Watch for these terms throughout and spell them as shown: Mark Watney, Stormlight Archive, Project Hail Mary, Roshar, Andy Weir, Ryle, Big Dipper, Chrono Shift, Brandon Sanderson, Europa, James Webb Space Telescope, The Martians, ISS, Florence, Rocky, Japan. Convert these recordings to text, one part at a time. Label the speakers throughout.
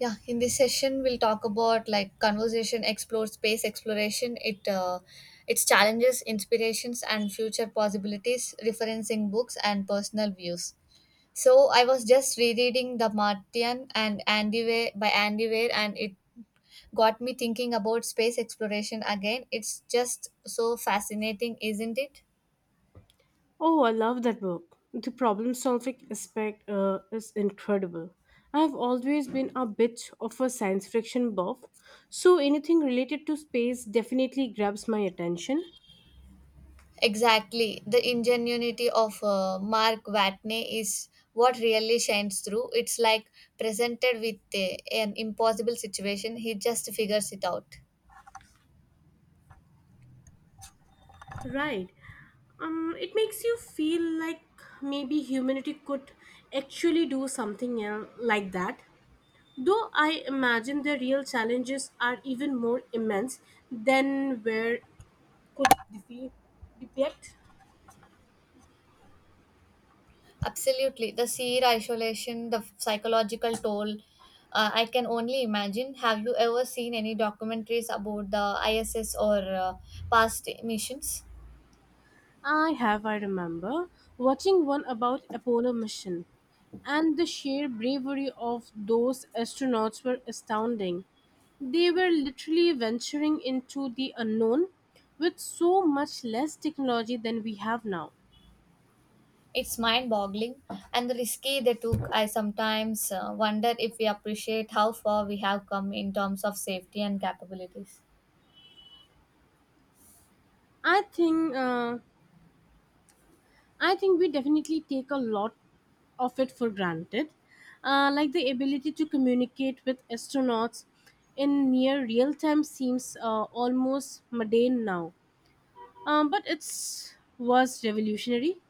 Speaker 1: Yeah, in this session we'll talk about like conversation explore space exploration, it its challenges, inspirations and future possibilities, referencing books and personal views. So I was just rereading The Martian and Andy Weir by Andy Weir and it got me thinking about space exploration again. It's just so fascinating, isn't it?
Speaker 2: Oh, I love that book. The problem solving aspect is incredible. I've always been a bit of a science fiction buff, so anything related to space definitely grabs my attention.
Speaker 1: Exactly. The ingenuity of Mark Watney is what really shines through. It's like presented with an impossible situation, he just figures it out.
Speaker 2: Right. It makes you feel like maybe humanity could actually do like that. Though I imagine the real challenges are even more immense than where could defi- depict.
Speaker 1: Absolutely. The sheer isolation, the psychological toll, I can only imagine. Have you ever seen any documentaries about the ISS or past missions?
Speaker 2: I have, I remember, watching one about Apollo mission, and the sheer bravery of those astronauts were astounding. They were literally venturing into the unknown with so much less technology than we have now.
Speaker 1: It's mind boggling, and the risky they took. I sometimes wonder if we appreciate how far we have come in terms of safety and capabilities.
Speaker 2: I think uh, I think we definitely take a lot of it for granted, like the ability to communicate with astronauts in near real time seems almost mundane now. But it's was revolutionary.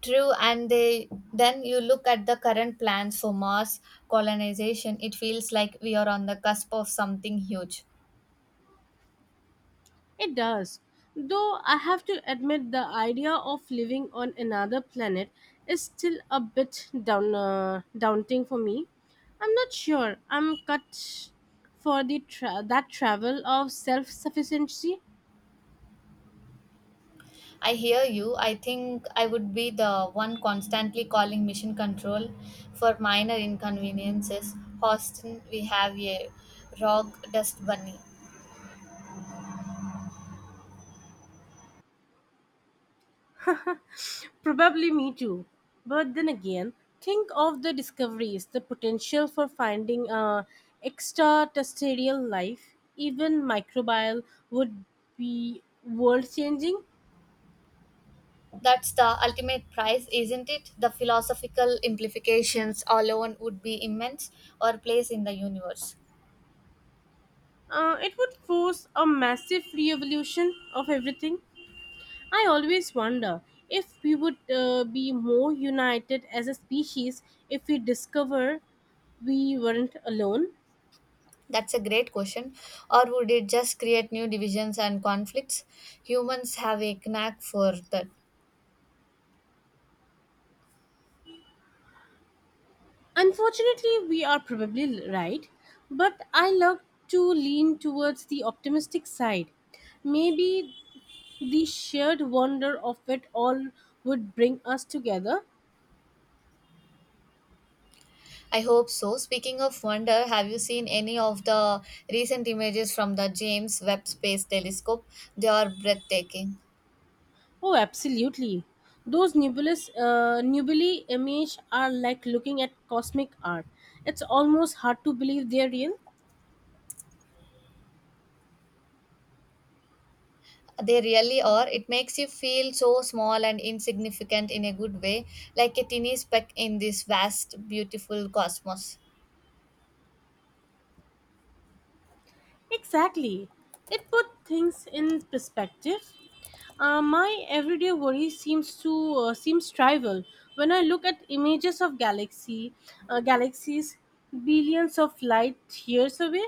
Speaker 1: True, and they, then you look at the current plans for Mars colonization, it feels like we are on the cusp of something huge.
Speaker 2: It does. Though I have to admit the idea of living on another planet is still a bit down daunting for me. I'm not sure I'm cut for that travel of self-sufficiency.
Speaker 1: I hear you. I think I would be the one constantly calling mission control for minor inconveniences. Houston, we have a rock dust bunny.
Speaker 2: Probably me too. But then again, think of the discoveries, the potential for finding a extraterrestrial life, even microbial would be world changing.
Speaker 1: That's the ultimate prize, isn't it? The philosophical implications alone would be immense or place in the universe.
Speaker 2: It would force a massive revolution of everything. I always wonder if we would be more united as a species if we discover we weren't alone.
Speaker 1: That's a great question. Or would it just create new divisions and conflicts? Humans have a knack for that.
Speaker 2: Unfortunately, we are probably right, but I love to lean towards the optimistic side. Maybe the shared wonder of it all would bring us together.
Speaker 1: I hope so. Speaking of wonder, have you seen any of the recent images from the James Webb Space Telescope? They are breathtaking.
Speaker 2: Oh, absolutely. Those nebulous nebulae image are like looking at cosmic art. It's almost hard to believe they're real.
Speaker 1: They really are. It makes you feel so small and insignificant in a good way, like a tiny speck in this vast, beautiful cosmos.
Speaker 2: Exactly. It put things in perspective. My everyday worry seems trivial when I look at images of galaxies billions of light years away.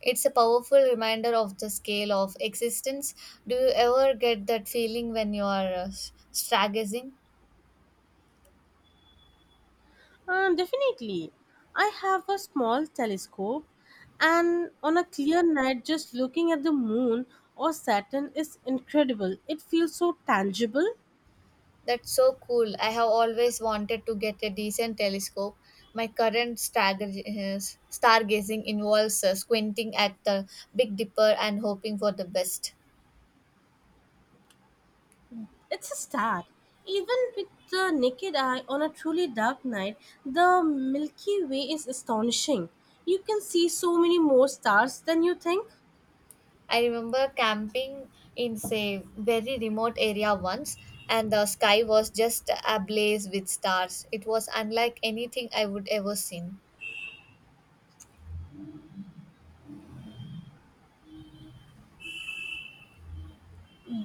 Speaker 1: It's a powerful reminder of the scale of existence. Do you ever get that feeling when you are stargazing?
Speaker 2: Definitely, I have a small telescope, and on a clear night, just looking at the moon or Saturn is incredible. It feels so tangible.
Speaker 1: That's so cool. I have always wanted to get a decent telescope. My current uh, stargazing involves squinting at the Big Dipper and hoping for the best.
Speaker 2: It's a start. Even with the naked eye on a truly dark night, the Milky Way is astonishing. You can see so many more stars than you think.
Speaker 1: I remember camping in say very remote area once and the sky was just ablaze with stars. It was unlike anything I would ever seen.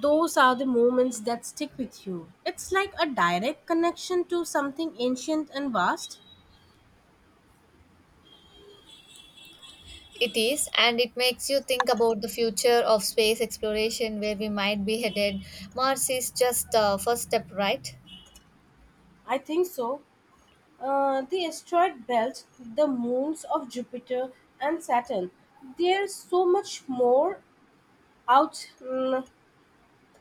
Speaker 2: Those are the moments that stick with you. It's like a direct connection to something ancient and vast.
Speaker 1: It is, and it makes you think about the future of space exploration where we might be headed. Mars is just the first step, right?
Speaker 2: I think so. The asteroid belt, the moons of Jupiter and Saturn. There's so much more out mm,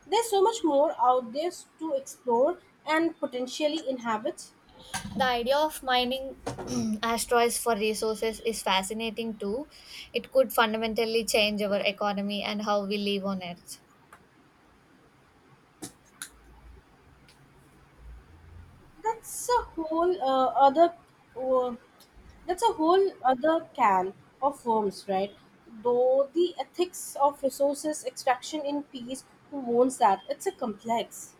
Speaker 2: There's so much more out there to explore and potentially inhabit.
Speaker 1: The idea of mining asteroids for resources is fascinating too. It could fundamentally change our economy and how we live on Earth.
Speaker 2: That's a whole uh, other uh, that's a whole other can of worms, right? Though the ethics of resources extraction in peace, who owns that? It's a complex.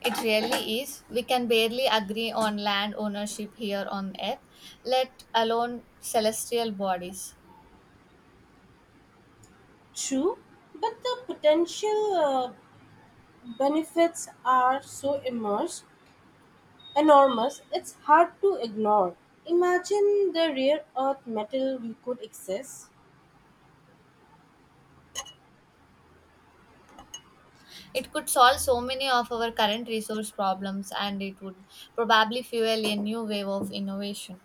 Speaker 1: It really is. We can barely agree on land ownership here on Earth, let alone celestial bodies.
Speaker 2: True, but the potential benefits are so immense, enormous, it's hard to ignore. Imagine the rare earth metal we could access.
Speaker 1: It could solve so many of our current resource problems, and it would probably fuel a new wave of innovation.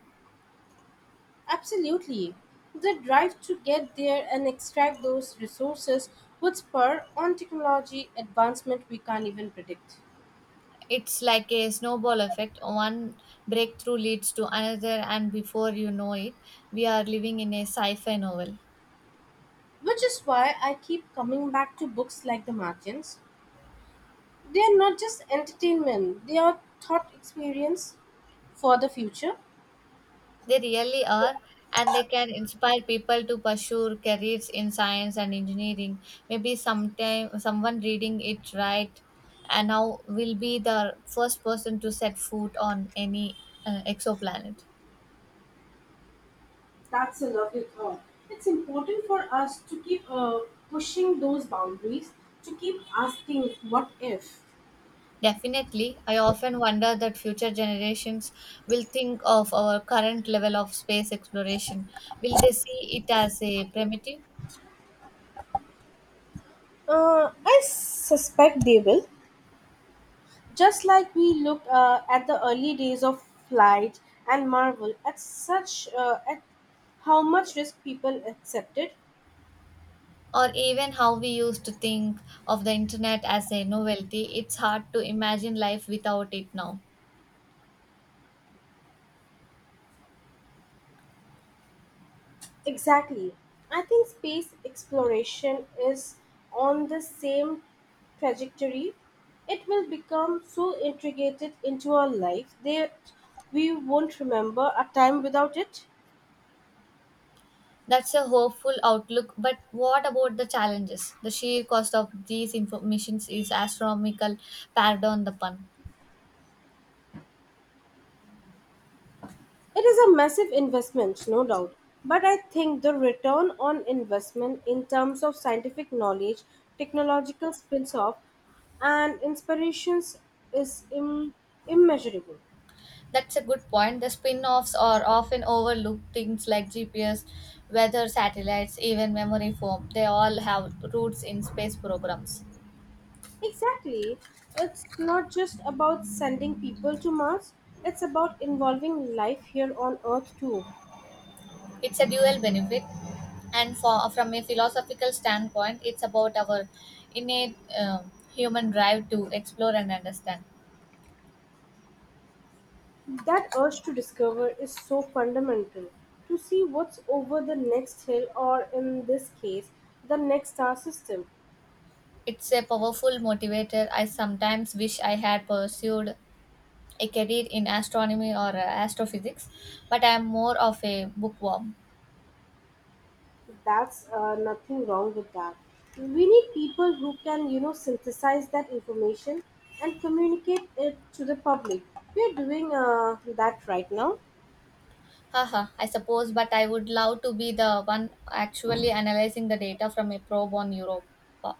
Speaker 2: Absolutely. The drive to get there and extract those resources would spur on technology advancement we can't even predict.
Speaker 1: It's like a snowball effect. One breakthrough leads to another, and before you know it, we are living in a sci fi novel.
Speaker 2: Which is why I keep coming back to books like The Martians. They are not just entertainment, they are thought experience for the future.
Speaker 1: They really are, and they can inspire people to pursue careers in science and engineering. Maybe sometime someone reading it right and now will be the first person to set foot on any exoplanet.
Speaker 2: That's a lovely thought. It's important for us to keep pushing those boundaries, to keep asking what if.
Speaker 1: Definitely, I often wonder that future generations will think of our current level of space exploration. Will they see it as a primitive?
Speaker 2: I suspect they will. Just like we look at the early days of flight and marvel at such at how much risk people accepted.
Speaker 1: Or even how we used to think of the internet as a novelty. It's hard to imagine life without it now.
Speaker 2: Exactly. I think space exploration is on the same trajectory. It will become so integrated into our life that we won't remember a time without it.
Speaker 1: That's a hopeful outlook, but what about the challenges? The sheer cost of these informations is astronomical, pardon the pun.
Speaker 2: It is a massive investment, no doubt, but I think the return on investment in terms of scientific knowledge, technological spins off, and inspirations is immeasurable.
Speaker 1: That's a good point. The spin offs are often overlooked, things like GPS, weather satellites, even memory foam. They all have roots in space programs.
Speaker 2: Exactly. It's not just about sending people to Mars, it's about involving life here on Earth too.
Speaker 1: It's a dual benefit, and for from a philosophical standpoint it's about our innate human drive to explore and understand.
Speaker 2: That urge to discover is so fundamental. To see what's over the next hill, or in this case, the next star system.
Speaker 1: It's a powerful motivator. I sometimes wish I had pursued a career in astronomy or astrophysics, but I am more of a bookworm.
Speaker 2: That's Nothing wrong with that. We need people who can, you know, synthesize that information and communicate it to the public. We're doing that right now.
Speaker 1: Haha, I suppose, but I would love to be the one actually analyzing the data from a probe on Europa.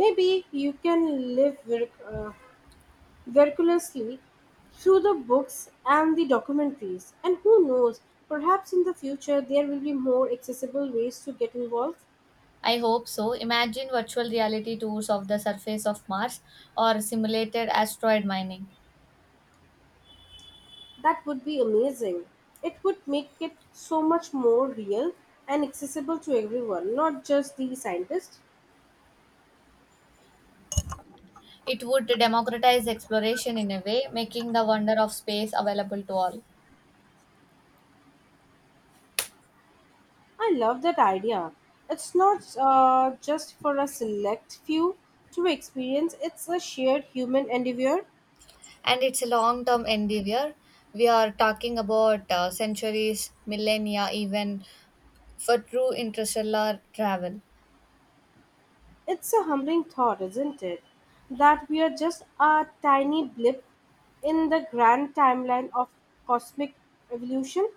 Speaker 2: Maybe you can virtuously through the books and the documentaries. And who knows, perhaps in the future there will be more accessible ways to get involved.
Speaker 1: I hope so. Imagine virtual reality tours of the surface of Mars or simulated asteroid mining.
Speaker 2: That would be amazing. It would make it so much more real and accessible to everyone, not just the scientists.
Speaker 1: It would democratize exploration in a way, making the wonder of space available to all.
Speaker 2: I love that idea. It's not just for a select few to experience, it's a shared human endeavor.
Speaker 1: And it's a long term endeavor. We are talking about centuries, millennia, even for true interstellar travel.
Speaker 2: It's a humbling thought, isn't it? That we are just a tiny blip in the grand timeline of cosmic evolution.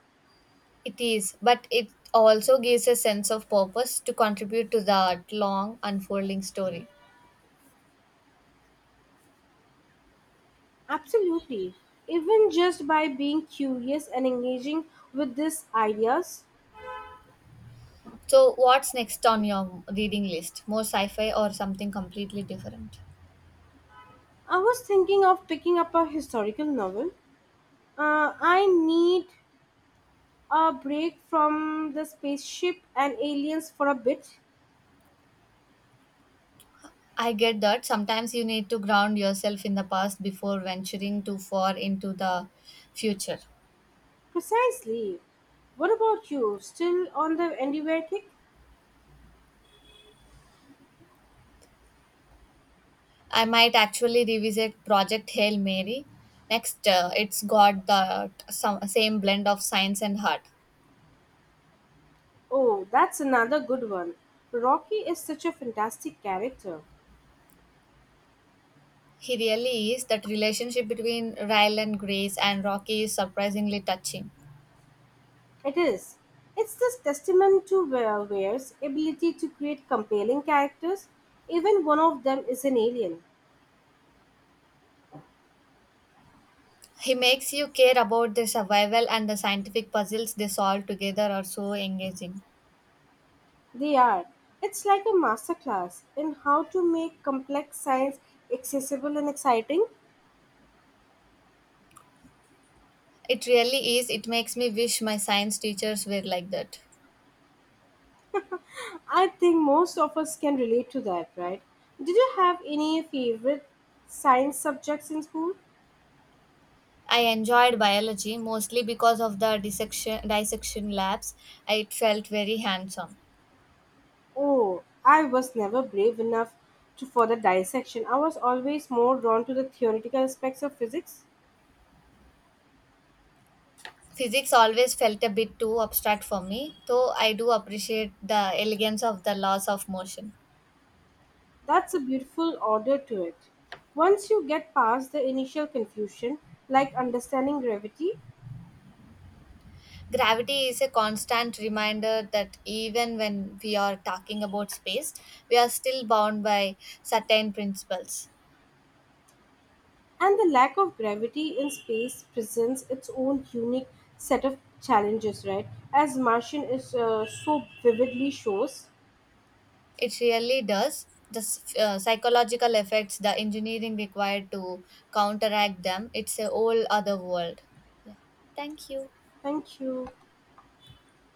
Speaker 1: It is, but it also gives a sense of purpose to contribute to that long unfolding story.
Speaker 2: Absolutely. Even just by being curious and engaging with these ideas,
Speaker 1: So, what's next on your reading list? More sci fi or something completely different?
Speaker 2: I was thinking of picking up a historical novel. I need a break from the spaceship and aliens for a bit.
Speaker 1: I get that sometimes you need to ground yourself in the past before venturing too far into the future.
Speaker 2: Precisely. What about you? Still on the Andy Weir kick?
Speaker 1: I might actually revisit Project Hail Mary. Next, it's got the same blend of science and heart.
Speaker 2: Oh, that's another good one. Rocky is such a fantastic character.
Speaker 1: He really is. That relationship between Ryle and Grace and Rocky is surprisingly touching.
Speaker 2: It is. It's this testament to Ware's ability to create compelling characters. Even one of them is an alien.
Speaker 1: He makes you care about their survival, and the scientific puzzles they solve together are so engaging.
Speaker 2: They are. It's like a masterclass in how to make complex science accessible and exciting.
Speaker 1: It really is. It makes me wish my science teachers were like that.
Speaker 2: I think most of us can relate to that, right? Did you have any favorite science subjects in school?
Speaker 1: I enjoyed biology, mostly because of the dissection labs. It felt very handsome.
Speaker 2: Oh, I was never brave enough to for the dissection. I was always more drawn to the theoretical aspects of physics.
Speaker 1: Physics always felt a bit too abstract for me, though I do appreciate the elegance of the laws of motion.
Speaker 2: That's a beautiful order to it. Once you get past the initial confusion, like understanding gravity,
Speaker 1: Gravity is a constant reminder that even when we are talking about space, we are still bound by certain principles.
Speaker 2: and the lack of gravity in space presents its own unique set of challenges, right? As Martian is so vividly shows.
Speaker 1: It really does. The psychological effects, the engineering required to counteract them, it's a whole other world. Yeah. Thank you.
Speaker 2: Thank you.